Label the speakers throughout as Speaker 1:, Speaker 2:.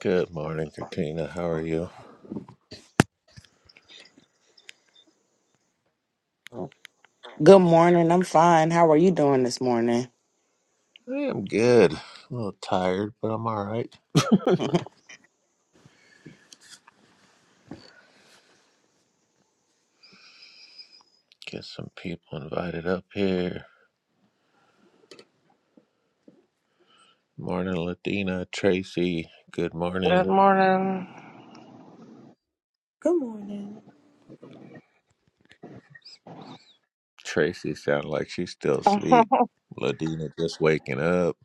Speaker 1: Good morning, Katrina. How are you?
Speaker 2: Good morning. I'm fine. How are you doing this morning?
Speaker 1: I am good. A little tired, but I'm all right. Get some people invited up here. Morning, Ladina. Tracy. Good
Speaker 3: Good
Speaker 1: morning.
Speaker 3: morning.
Speaker 4: Good morning.
Speaker 1: Tracy sounds like she's still asleep.
Speaker 3: good,
Speaker 1: Ladina just waking up.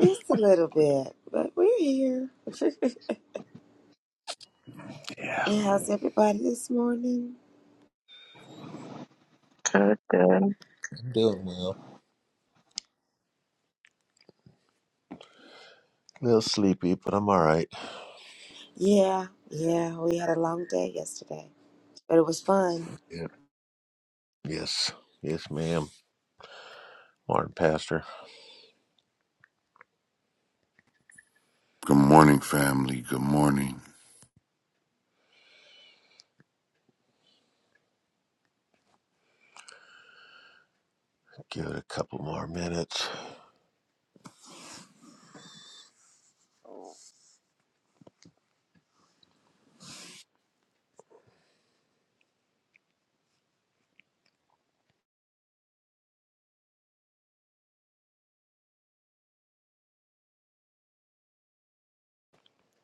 Speaker 4: Just a little bit, but we're here.
Speaker 1: Yeah,
Speaker 4: And How's everybody this morning?
Speaker 3: good.
Speaker 1: I'm doing well. A little sleepy, but I'm all right.
Speaker 4: Yeah, yeah, we had a long day yesterday, but it was fun.
Speaker 1: Yep. Yes. Yes, ma'am. Morning, Pastor.
Speaker 5: Good morning, family. Good morning.
Speaker 1: Give it a couple more minutes.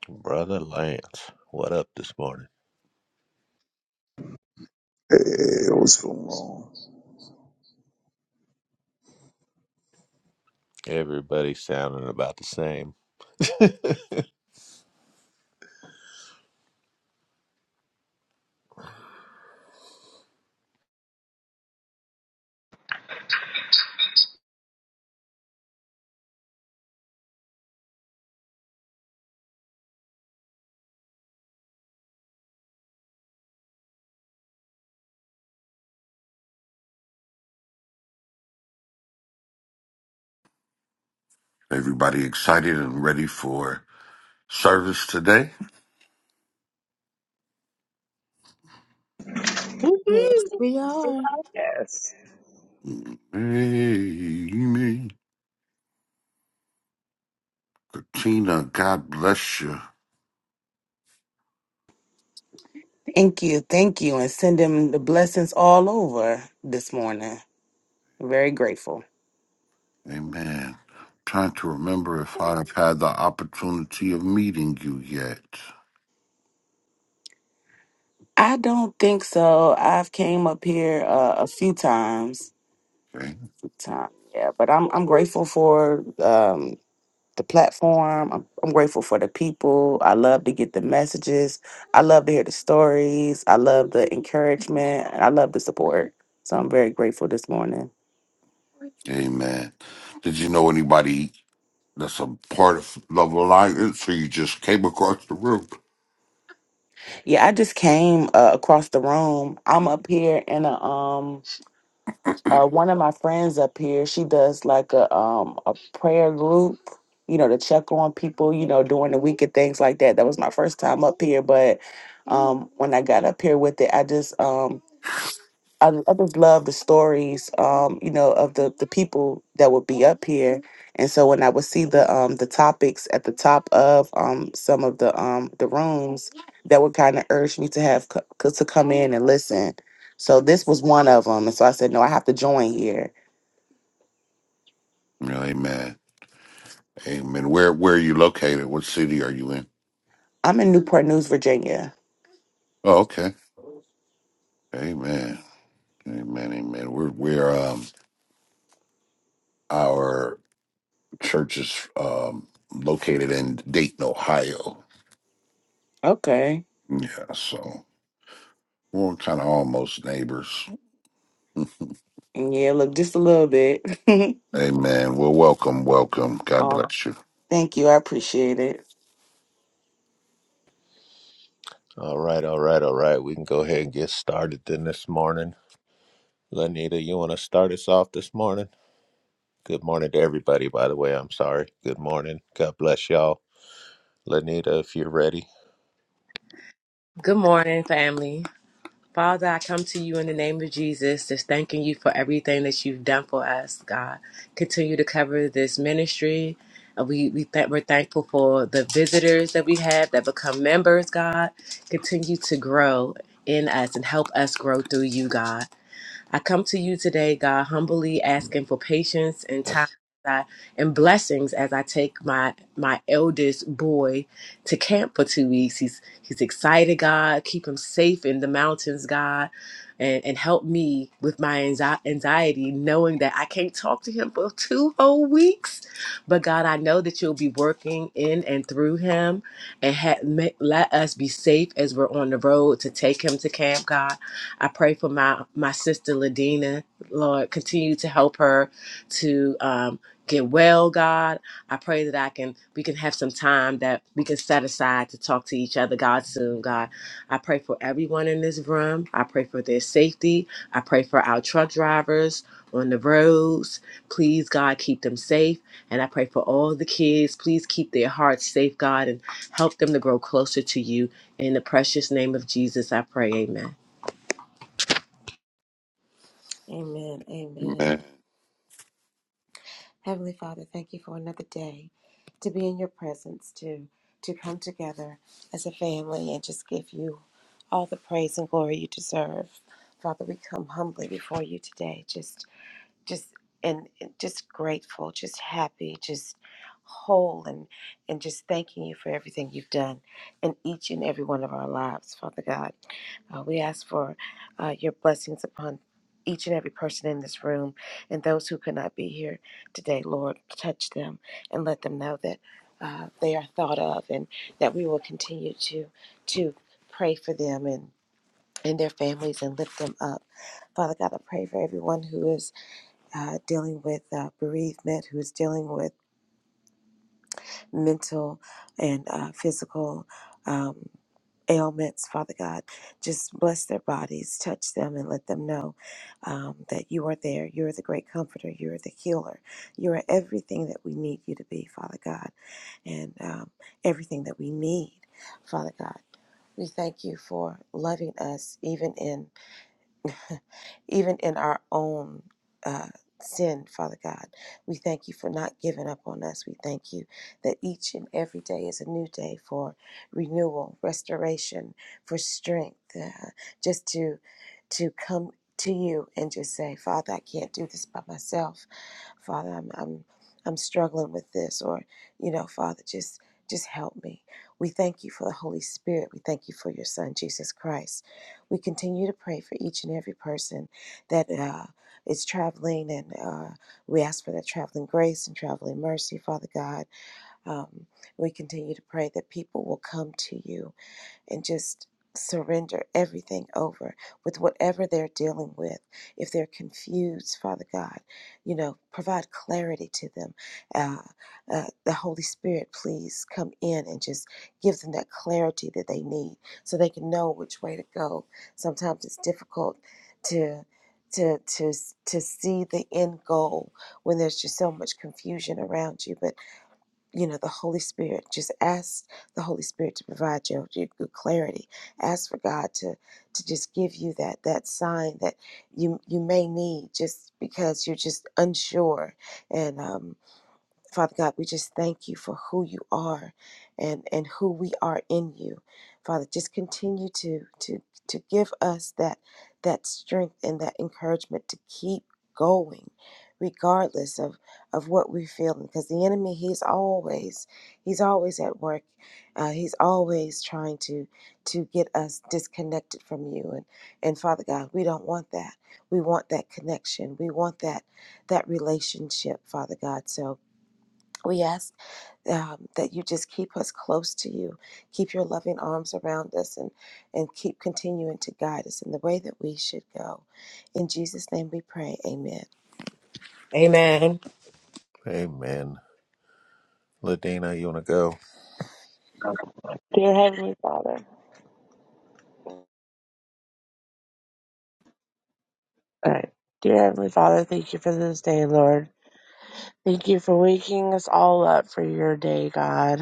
Speaker 1: Brother Lance, what up this morning?
Speaker 6: It was so long.
Speaker 1: Everybody sounding about the same.
Speaker 5: Everybody excited and ready for service today?
Speaker 4: Yes,
Speaker 3: Woohoo!
Speaker 4: we are.
Speaker 3: Yes.
Speaker 5: Amen. Katina, God bless you.
Speaker 2: Thank you. Thank you. And send him the blessings all over this morning. Very grateful.
Speaker 5: Amen. Trying to remember if I've had the opportunity of meeting you yet.
Speaker 2: I don't think so. I've came up here uh, a few times.
Speaker 5: Okay.
Speaker 2: Time, yeah, but I'm I'm grateful for um, the platform. I'm, I'm grateful for the people. I love to get the messages. I love to hear the stories. I love the encouragement. and I love the support. So I'm very grateful this morning.
Speaker 5: Amen. Did you know anybody that's a part of Love Alliance or you just came across the room?
Speaker 2: Yeah, I just came uh, across the room. I'm up here, and uh, um, uh, one of my friends up here, she does like a um a prayer group, you know, to check on people, you know, during the week and things like that. That was my first time up here, but um, when I got up here with it, I just um I, I just love the stories, um, you know, of the the people that would be up here. And so when I would see the um the topics at the top of um some of the um the rooms, that would kind of urge me to have co- co- to come in and listen. So this was one of them, and so I said, no, I have to join here.
Speaker 5: Yeah, Amen. Amen. Where where are you located? What city are you in?
Speaker 2: I'm in Newport News, Virginia.
Speaker 5: Oh, okay. Amen. Amen, amen. We're we're um our church is um located in Dayton, Ohio.
Speaker 2: Okay,
Speaker 5: Yeah, so we're kind of almost neighbors.
Speaker 2: yeah, look, just a little bit.
Speaker 5: amen. Well, welcome, welcome. God
Speaker 2: oh,
Speaker 5: bless you.
Speaker 2: thank you, I appreciate it.
Speaker 1: All right, all right, all right. We can go ahead and get started then this morning. Lenita, you want to start us off this morning? Good morning to everybody, by the way. I'm sorry. Good morning. God bless y'all. Lenita, if you're ready.
Speaker 7: Good morning, family. Father, I come to you in the name of Jesus, just thanking you for everything that you've done for us, God. Continue to cover this ministry. Uh, We, we th- we're thankful for the visitors that we have that become members, God. Continue to grow in us and help us grow through you, God. I come to you today, God, humbly asking for patience and time. I- And blessings as I take my my eldest boy to camp for two weeks. He's he's excited, God. Keep him safe in the mountains, God, and and help me with my anxi- anxiety, knowing that I can't talk to him for two whole weeks. But God, I know that you'll be working in and through him, and ha- ma- let us be safe as we're on the road to take him to camp, God. I pray for my my sister Ladina. Lord, continue to help her to um, get well, God. I pray that I can we can have some time that we can set aside to talk to each other, God, soon, God. I pray for everyone in this room. I pray for their safety. I pray for our truck drivers on the roads. Please, God, keep them safe. And I pray for all the kids. Please keep their hearts safe, God, and help them to grow closer to you. In the precious name of Jesus, I pray. Amen.
Speaker 4: Amen, amen.
Speaker 5: Amen.
Speaker 4: Heavenly Father, thank you for another day to be in your presence, to to come together as a family and just give you all the praise and glory you deserve. Father, we come humbly before you today, just just and, and just grateful, just happy, just whole and and just thanking you for everything you've done in each and every one of our lives, Father God. Uh, we ask for uh, your blessings upon each and every person in this room and those who could not be here today, Lord, touch them and let them know that uh, they are thought of and that we will continue to to pray for them and and their families and lift them up. Father God, I pray for everyone who is uh, dealing with uh, bereavement, who's dealing with mental and uh, physical um, ailments, Father God. Just bless their bodies, touch them, and let them know um, that you are there. You're the great comforter. You're the healer. You are everything that we need you to be, Father God, and um, everything that we need, Father God. We thank you for loving us even in even in our own uh, sin, Father God. We thank you for not giving up on us. We thank you that each and every day is a new day for renewal, restoration, for strength, uh, just to to come to you and just say, Father, I can't do this by myself. Father, I'm I'm I'm struggling with this, or you know, Father, just just help me. We thank you for the Holy Spirit. We thank you for your Son, Jesus Christ we continue to pray for each and every person that uh, is traveling, and uh, we ask for that traveling grace and traveling mercy, Father God. Um, we continue to pray that people will come to you and just surrender everything over with whatever they're dealing with. If they're confused, Father God, you know, provide clarity to them. Uh, uh, the Holy Spirit, please come in and just give them that clarity that they need so they can know which way to go. Sometimes it's difficult to. To, to, to see the end goal when there's just so much confusion around you. But you know the holy spirit just ask the holy spirit to provide you good clarity ask for god to to just give you that that sign that you you may need just because you're just unsure and um Father God, we just thank you for who you are and, and who we are in you. Father, just continue to to to give us that that strength and that encouragement to keep going regardless of of what we're feeling because the enemy he's always he's always at work uh, he's always trying to to get us disconnected from you and and father god we don't want that we want that connection we want that that relationship father god so we ask um, that you just keep us close to you, keep your loving arms around us, and, and keep continuing to guide us in the way that we should go. In Jesus' name we pray. Amen.
Speaker 7: Amen.
Speaker 1: Amen. Ladina, you want to go?
Speaker 3: Dear Heavenly Father. All right. Dear Heavenly Father, thank you for this day, Lord. Thank you for waking us all up for your day, God.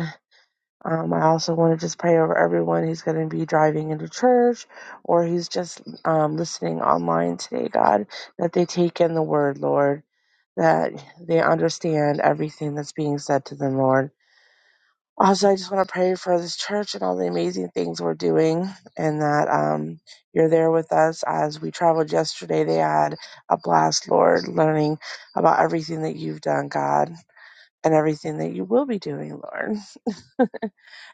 Speaker 3: Um, I also want to just pray over everyone who's going to be driving into church or who's just um, listening online today, God, that they take in the word, Lord, that they understand everything that's being said to them, Lord. Also, I just want to pray for this church and all the amazing things we're doing, and that um, you're there with us as we traveled yesterday. They had a blast, Lord, learning about everything that you've done, God, and everything that you will be doing, Lord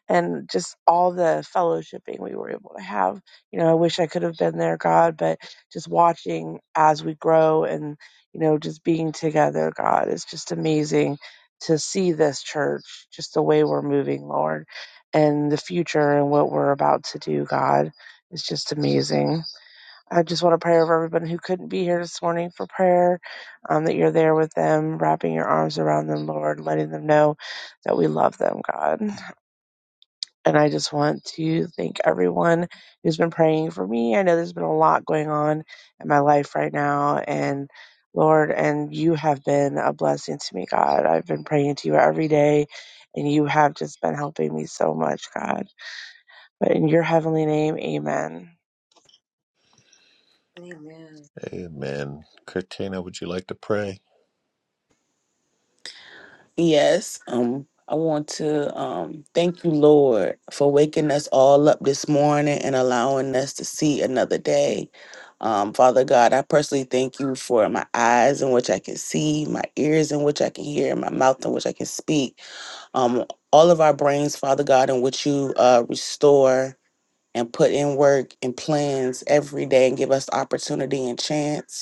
Speaker 3: and just all the fellowshipping we were able to have. You know, I wish I could have been there, God, but just watching as we grow and, you know, just being together, God, it's just amazing to see this church, just the way we're moving, Lord, and the future and what we're about to do, God. It's just amazing. I just want to pray over everyone who couldn't be here this morning for prayer, um, that you're there with them, wrapping your arms around them, Lord, letting them know that we love them, God. And I just want to thank everyone who's been praying for me. I know there's been a lot going on in my life right now. And Lord, and you have been a blessing to me, God. I've been praying to you every day, and you have just been helping me so much, God. But in your heavenly name, amen.
Speaker 4: Amen.
Speaker 1: Amen. Katina, would you like to pray?
Speaker 2: Yes, um, I want to um thank you, Lord, for waking us all up this morning and allowing us to see another day. Um, Father God, I personally thank you for my eyes in which I can see, my ears in which I can hear, my mouth in which I can speak. Um, all of our brains, Father God, in which you uh restore and put in work and plans every day and give us opportunity and chance.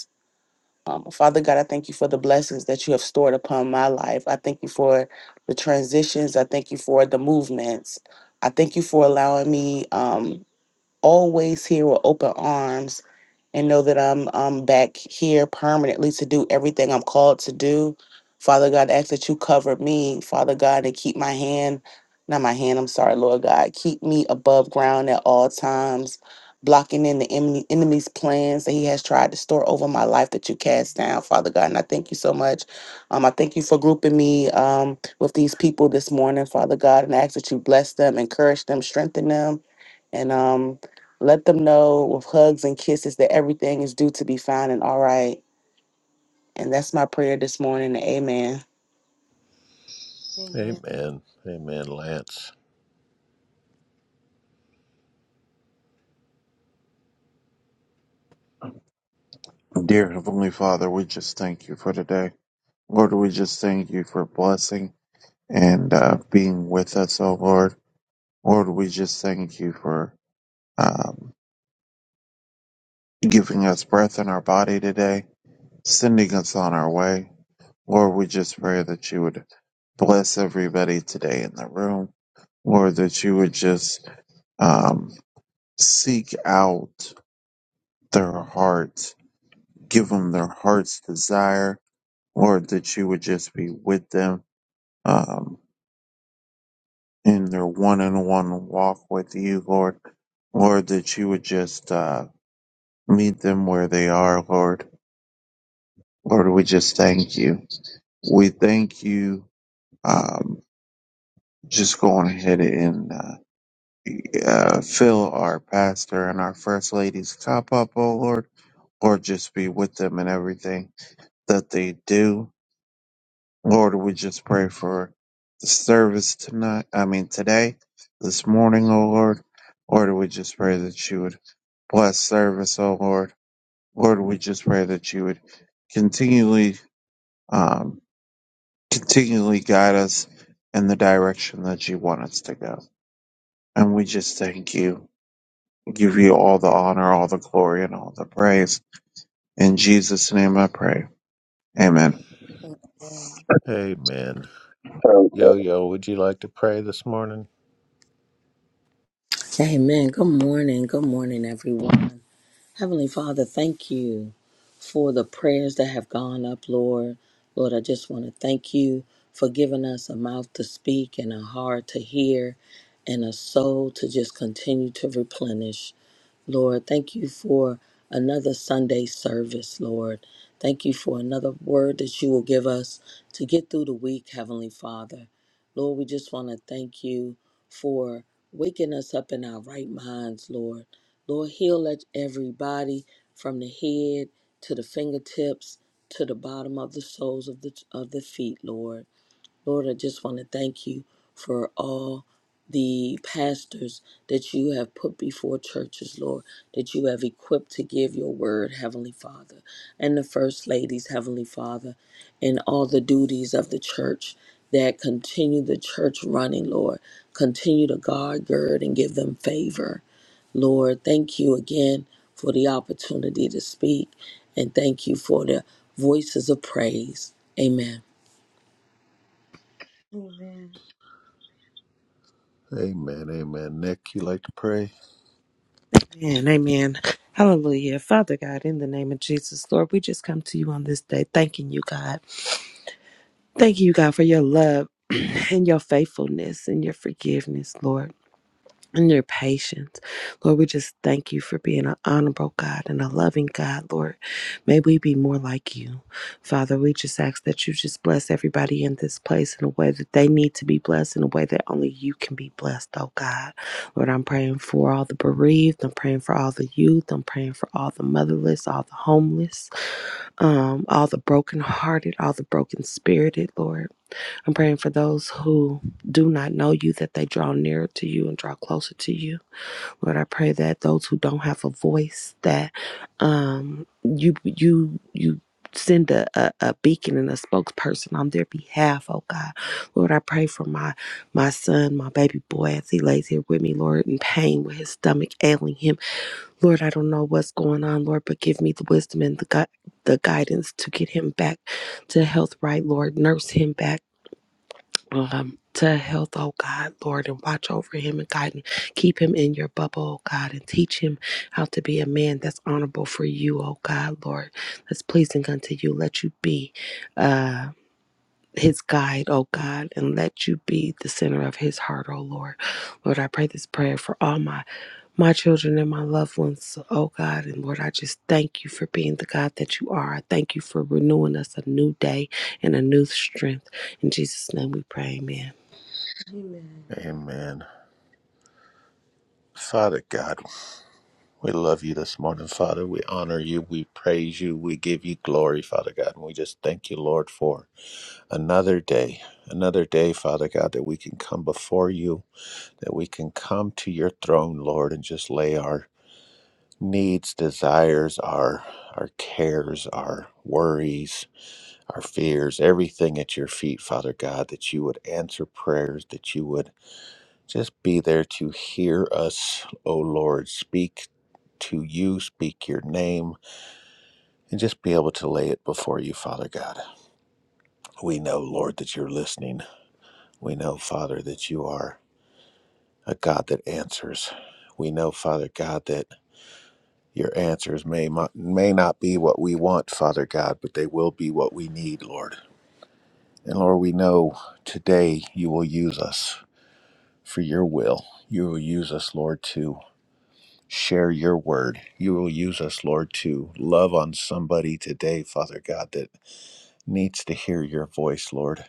Speaker 2: Um, Father God, I thank you for the blessings that you have stored upon my life. I thank you for the transitions. I thank you for the movements. I thank you for allowing me um, always here with open arms and know that I'm I'm back here permanently to do everything I'm called to do. Father God, I ask that you cover me, Father God, and keep my hand, not my hand, I'm sorry, Lord God. Keep me above ground at all times, blocking in the enemy, enemy's plans that he has tried to store over my life that you cast down, Father God. And I thank you so much. Um, I thank you for grouping me um, with these people this morning, Father God, and I ask that you bless them, encourage them, strengthen them. And um, let them know with hugs and kisses that everything is due to be fine and all right. And that's my prayer this morning. Amen.
Speaker 4: Amen.
Speaker 1: Amen. Amen, Lance.
Speaker 6: Dear Heavenly Father, we just thank you for today. Lord, we just thank you for blessing and uh, being with us, oh Lord. Lord, we just thank you for um, giving us breath in our body today, sending us on our way. Lord, we just pray that you would bless everybody today in the room. Lord, that you would just um, seek out their hearts, give them their heart's desire Lord, that you would just be with them um, in their one on one walk with you, Lord. Lord, that you would just uh, meet them where they are, Lord. Lord, we just thank you. We thank you. Um, just going ahead and uh, uh, fill our pastor and our first lady's cup up, oh Lord. Lord, just be with them in everything that they do. Lord, we just pray for the service tonight. I mean, today, this morning, oh Lord. Lord, we just pray that you would bless service, oh Lord. Lord, we just pray that you would continually, um, continually guide us in the direction that you want us to go. And we just thank you. We give you all the honor, all the glory, and all the praise. In Jesus' name I pray. Amen.
Speaker 4: Amen.
Speaker 1: Amen. Yo, yo, would you like to pray this morning?
Speaker 8: Amen. Good morning. Good morning, everyone. Heavenly Father, thank you for the prayers that have gone up, Lord. Lord, I just want to thank you for giving us a mouth to speak and a heart to hear and a soul to just continue to replenish. Lord. Thank you for another Sunday service, Lord. Thank you for another word that you will give us to get through the week, Heavenly Father. Lord, we just want to thank you for waking us up in our right minds, Lord. Lord, heal let every body from the head to the fingertips to the bottom of the soles of the of the feet, Lord. Lord, I just want to thank you for all the pastors that you have put before churches, Lord, that you have equipped to give your word, Heavenly Father, and the first ladies, Heavenly Father, and all the duties of the church that continue the church running, Lord. Continue to guard, gird, and give them favor. Lord, thank you again for the opportunity to speak, and thank you for the voices of praise. Amen.
Speaker 4: Amen.
Speaker 1: Amen. Amen. Nick, you like to pray?
Speaker 9: Amen. Amen. Hallelujah. Father God, in the name of Jesus, Lord, we just come to you on this day, thanking you, God. Thank you, God, for your love and your faithfulness and your forgiveness, Lord and your patience. Lord, we just thank you for being an honorable God and a loving God, Lord. May we be more like you. Father, we just ask that you just bless everybody in this place in a way that they need to be blessed, in a way that only you can be blessed, oh God. Lord, I'm praying for all the bereaved. I'm praying for all the youth. I'm praying for all the motherless, all the homeless, um, all the brokenhearted, all the broken spirited, Lord. I'm praying for those who do not know you, that they draw nearer to you and draw closer to you. Lord, I pray that those who don't have a voice, that um, you you you send a, a, a beacon and a spokesperson on their behalf, oh God. Lord, I pray for my my son, my baby boy, as he lays here with me, Lord, in pain with his stomach ailing him. Lord, I don't know what's going on, Lord, but give me the wisdom and the gu- the guidance to get him back to health right, Lord. Nurse him back um, to health, oh God, Lord, and watch over him and guide him. Keep him in your bubble, oh God, and teach him how to be a man that's honorable for you, oh God, Lord, that's pleasing unto you. Let you be uh, his guide, oh God, and let you be the center of his heart, oh Lord. Lord, I pray this prayer for all my my children and my loved ones, oh God. And Lord, I just thank you for being the God that you are. I thank you for renewing us a new day and a new strength. In Jesus' name we pray, amen.
Speaker 1: Amen. Father God, We love you this morning, Father. We honor you. We praise you. We give you glory, Father God. And we just thank you, Lord, for another day, another day, Father God, that we can come before you, that we can come to your throne, Lord, and just lay our needs, desires, our our cares, our worries, our fears, everything at your feet, Father God, that you would answer prayers, that you would just be there to hear us, O Lord. Speak to you, speak your name and just be able to lay it before you, Father God. We know, Lord, that you're listening. We know, Father, that you are a God that answers. We know, Father God, that your answers may mo- may not be what we want, Father God, but they will be what we need, Lord. And Lord, we know today you will use us for your will. You will use us, Lord, to share your word. You will use us, Lord, to love on somebody today, Father God, that needs to hear your voice, Lord.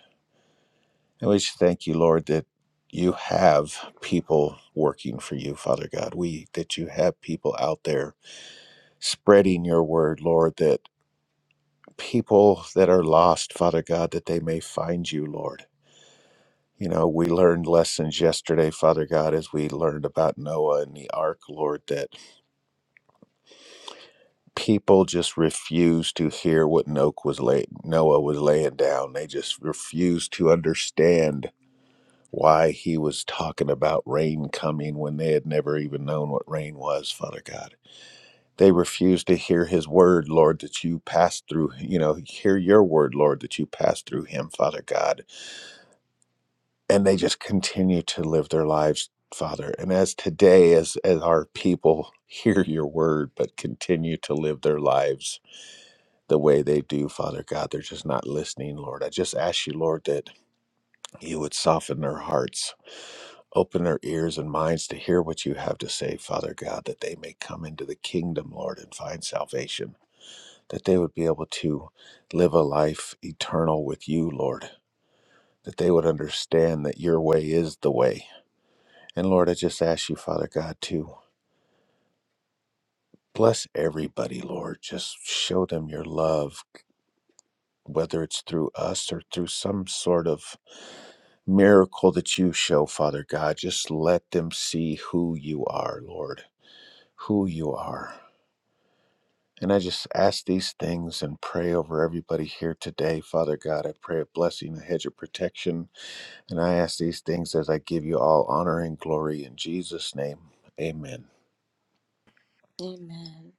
Speaker 1: And we just thank you, Lord, that you have people working for you, Father God. We that you have people out there spreading your word, Lord, that people that are lost, Father God, that they may find you, Lord. You know, we learned lessons yesterday, Father God, as we learned about Noah and the ark, Lord, that people just refused to hear what Noah was, laying. Noah was laying down. They just refused to understand why he was talking about rain coming when they had never even known what rain was, Father God. They refused to hear his word, Lord, that you passed through, you know, hear your word, Lord, that you passed through him, Father God. And they just continue to live their lives, Father. And as today, as, as our people hear your word, but continue to live their lives the way they do, Father God, they're just not listening, Lord. I just ask you, Lord, that you would soften their hearts Open their ears and minds to hear what you have to say, Father God, that they may come into the kingdom, Lord, and find salvation, that they would be able to live a life eternal with you, Lord, that they would understand that your way is the way. And Lord, I just ask you, Father God, to bless everybody, Lord. Just show them your love, whether it's through us or through some sort of miracle that you show, Father God. Just let them see who you are, Lord, who you are And I just ask these things and pray over everybody here today. Father God, I pray a blessing, a hedge of protection. And I ask these things as I give you all honor and glory in Jesus' name. Amen.
Speaker 4: Amen.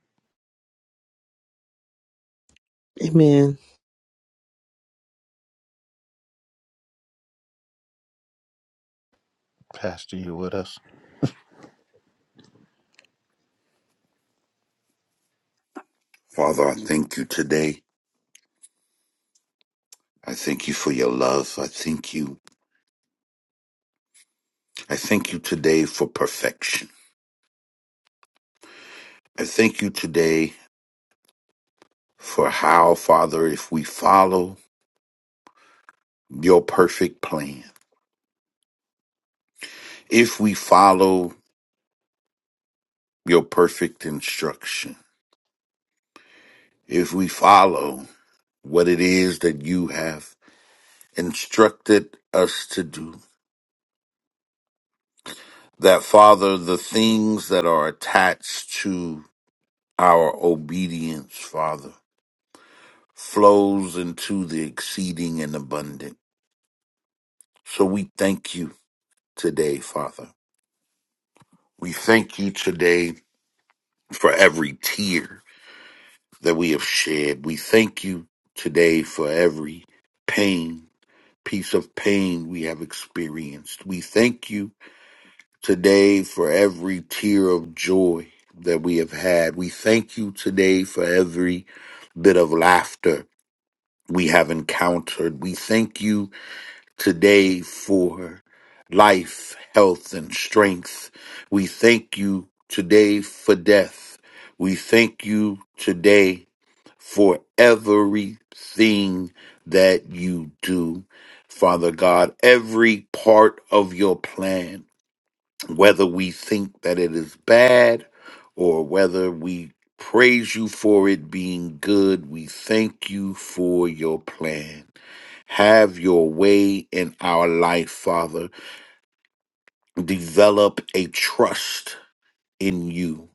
Speaker 9: Amen.
Speaker 1: Pastor, you with us?
Speaker 5: Father, I thank you today. I thank you for your love. I thank you. I thank you today for perfection. I thank you today for how, Father, if we follow your perfect plan, if we follow your perfect instruction. If we follow what it is that you have instructed us to do, that Father, the things that are attached to our obedience, Father, flows into the exceeding and abundant. So we thank you today, Father. We thank you today for every tear that we have shed. We thank you today for every pain piece of pain we have experienced. We thank you today for every tear of joy that we have had. We thank you today for every bit of laughter we have encountered. We thank you today for life, health, and strength. We thank you today for death. We thank you today for everything that you do. Father God, every part of your plan, whether we think that it is bad or whether we praise you for it being good, we thank you for your plan. Have your way in our life, Father. Develop a trust in you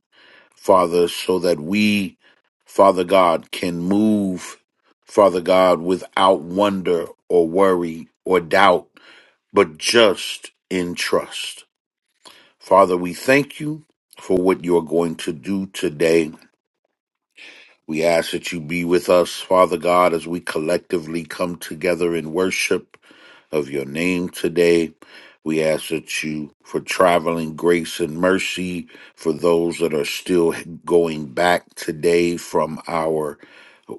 Speaker 5: Father, so that we, Father God, can move, Father God, without wonder or worry or doubt, but just in trust. Father, we thank you for what you're going to do today we ask that you be with us, Father God, as we collectively come together in worship of your name today. We ask that you for traveling grace and mercy for those that are still going back today from our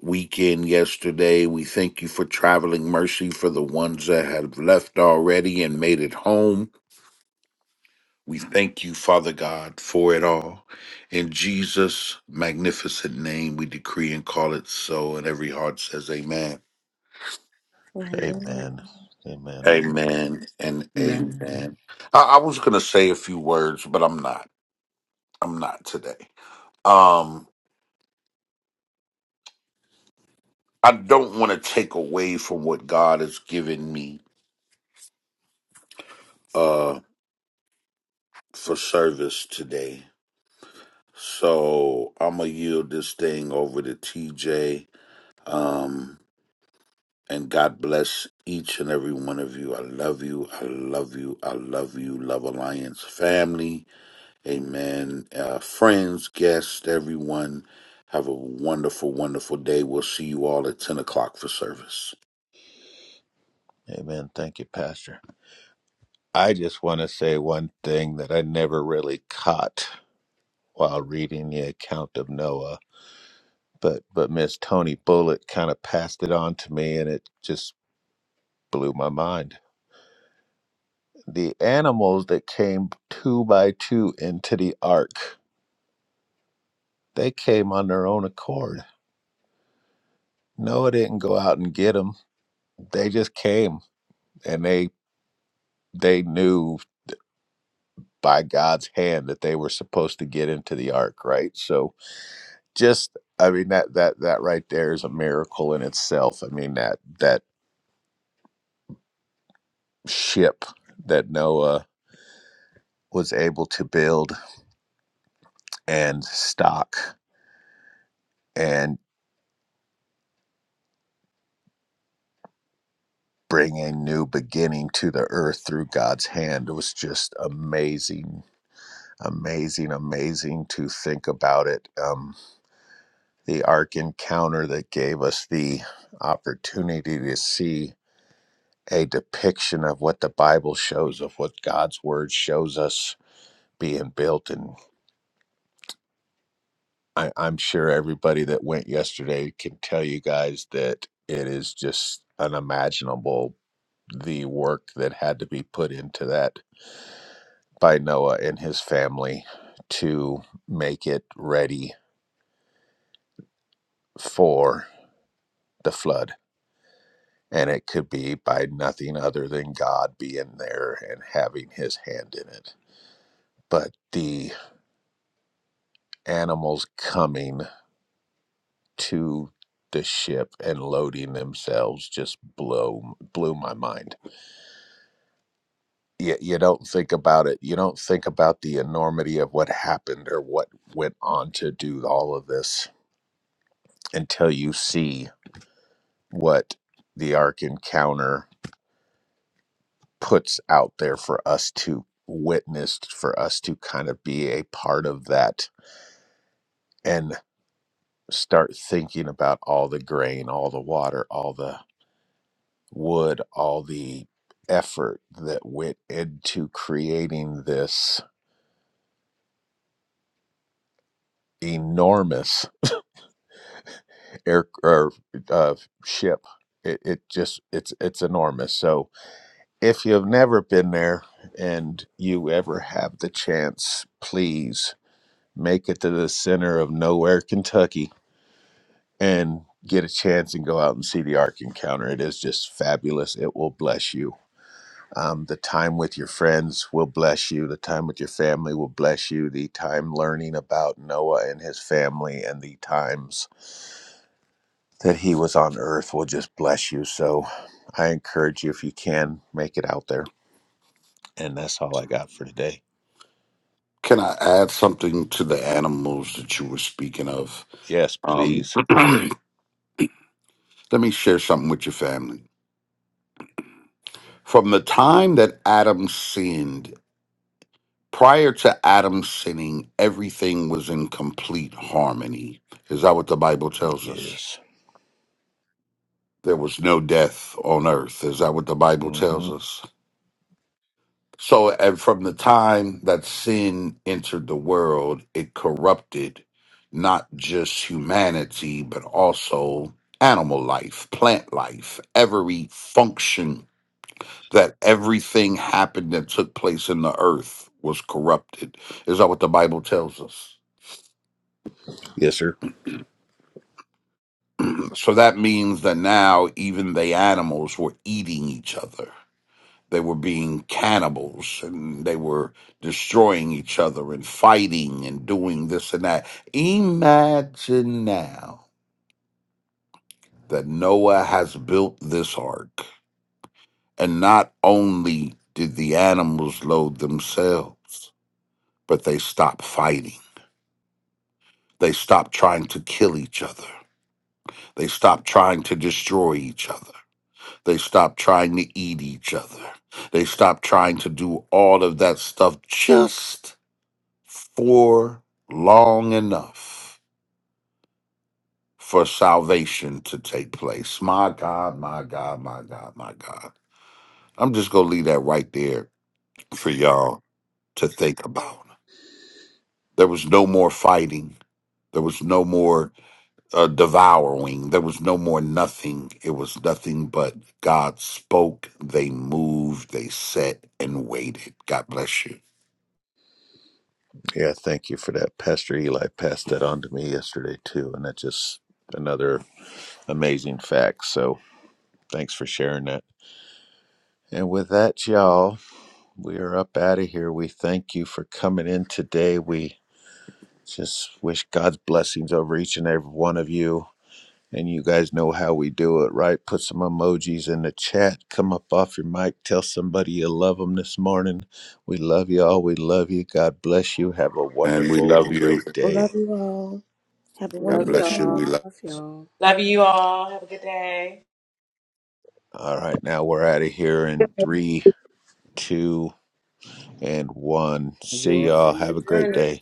Speaker 5: weekend yesterday. We thank you for traveling mercy for the ones that have left already and made it home. We thank you, Father God, for it all. In Jesus' magnificent name, we decree and call it so. And every heart says, Amen.
Speaker 4: Amen.
Speaker 1: Amen. Amen.
Speaker 5: Amen and
Speaker 8: Amen.
Speaker 5: amen. I, I was going to say a few words, but I'm not. I'm not today. Um, I don't want to take away from what God has given me uh, for service today. So I'm going to yield this thing over to TJ. Um, And God bless each and every one of you. I love you. I love you. I love you. Love Alliance family. Amen. Uh, friends, guests, everyone. Have a wonderful, wonderful day. We'll see you all at 10 o'clock for service.
Speaker 1: Amen. Thank you, Pastor. I just want to say one thing that I never really caught while reading the account of Noah, but but Miss Tony Bullitt kind of passed it on to me and it just blew my mind the animals that came two by two into the ark they came on their own accord noah didn't go out and get them they just came and they they knew by god's hand that they were supposed to get into the ark right so just i mean that that that right there is a miracle in itself i mean that that ship that noah was able to build and stock and. Bring a new beginning to the earth through God's hand. It was just amazing, amazing, amazing to think about it. Um, the Ark encounter that gave us the opportunity to see a depiction of what the Bible shows, of what God's Word shows us being built. And I, I'm sure everybody that went yesterday can tell you guys that it is just unimaginable the work that had to be put into that by Noah and his family to make it ready for the flood. And it could be by nothing other than God being there and having his hand in it. But the animals coming to the ship and loading themselves just blew blew my mind. You, you don't think about it. You don't think about the enormity of what happened or what went on to do all of this until you see what the Ark Encounter puts out there for us to witness, for us to kind of be a part of that and start thinking about all the grain, all the water, all the wood, all the effort that went into creating this enormous air or uh, ship. It, it just it's it's enormous. So if you've never been there and you ever have the chance, please make it to the center of nowhere, Kentucky, and get a chance and go out and see the Ark Encounter. It is just fabulous. It will bless you. Um, the time with your friends will bless you. The time with your family will bless you. The time learning about Noah and his family and the times that he was on earth will just bless you. So I encourage you, if you can, make it out there. And that's all I got for today.
Speaker 5: Can I add something to the animals that you were speaking of?
Speaker 1: Yes,
Speaker 5: Um,
Speaker 1: please.
Speaker 5: let me share something with your family. From the time that Adam sinned, Prior to Adam sinning, everything was in complete harmony. Is that what the Bible tells us?
Speaker 1: Yes.
Speaker 5: There was no death on earth. Is that what the Bible tells
Speaker 1: hmm
Speaker 5: us? So, and from the time that sin entered the world, it corrupted not just humanity, but also animal life, plant life, every function that everything happened that took place in the earth was corrupted. Is that what the Bible tells us?
Speaker 1: Yes, sir.
Speaker 5: So that means that now even the animals were eating each other. They were being cannibals and they were destroying each other and fighting and doing this and that. Imagine now that Noah has built this ark and not only did the animals load themselves, but they stopped fighting. They stopped trying to kill each other. They stopped trying to destroy each other They stop trying to eat each other. They stop trying to do all of that stuff just for long enough for salvation to take place. My God, my God, my God, my God. I'm just going to leave that right there for y'all to think about. There was no more fighting. There was no more uh, devouring. There was no more nothing. It was nothing but God spoke, they moved, they sat and waited. God bless you.
Speaker 1: Yeah, thank you for that. Pastor Eli passed that on to me yesterday too, and that's just another amazing fact. So thanks for sharing that. And with that, y'all, we are up out of here. We thank you for coming in today. We just wish God's blessings over each and every one of you. And you guys know how we do it, right? Put some emojis in the chat. Come up off your mic. Tell somebody you love them this morning. We love you all. We love you. God bless you. Have a
Speaker 5: And we
Speaker 1: wonderful
Speaker 5: love
Speaker 1: and
Speaker 5: you.
Speaker 1: great
Speaker 4: Love
Speaker 1: day.
Speaker 4: you all. Have a
Speaker 5: God
Speaker 8: Love
Speaker 4: wonderful
Speaker 5: bless you.
Speaker 4: day.
Speaker 5: We
Speaker 8: y'all.
Speaker 5: love
Speaker 8: Love y'all.
Speaker 7: Love you all. Have a good day.
Speaker 1: All right, now we're out of here in three, two, and one. See
Speaker 8: Enjoy
Speaker 1: y'all.
Speaker 8: your
Speaker 1: Have a great
Speaker 8: journey.
Speaker 1: day.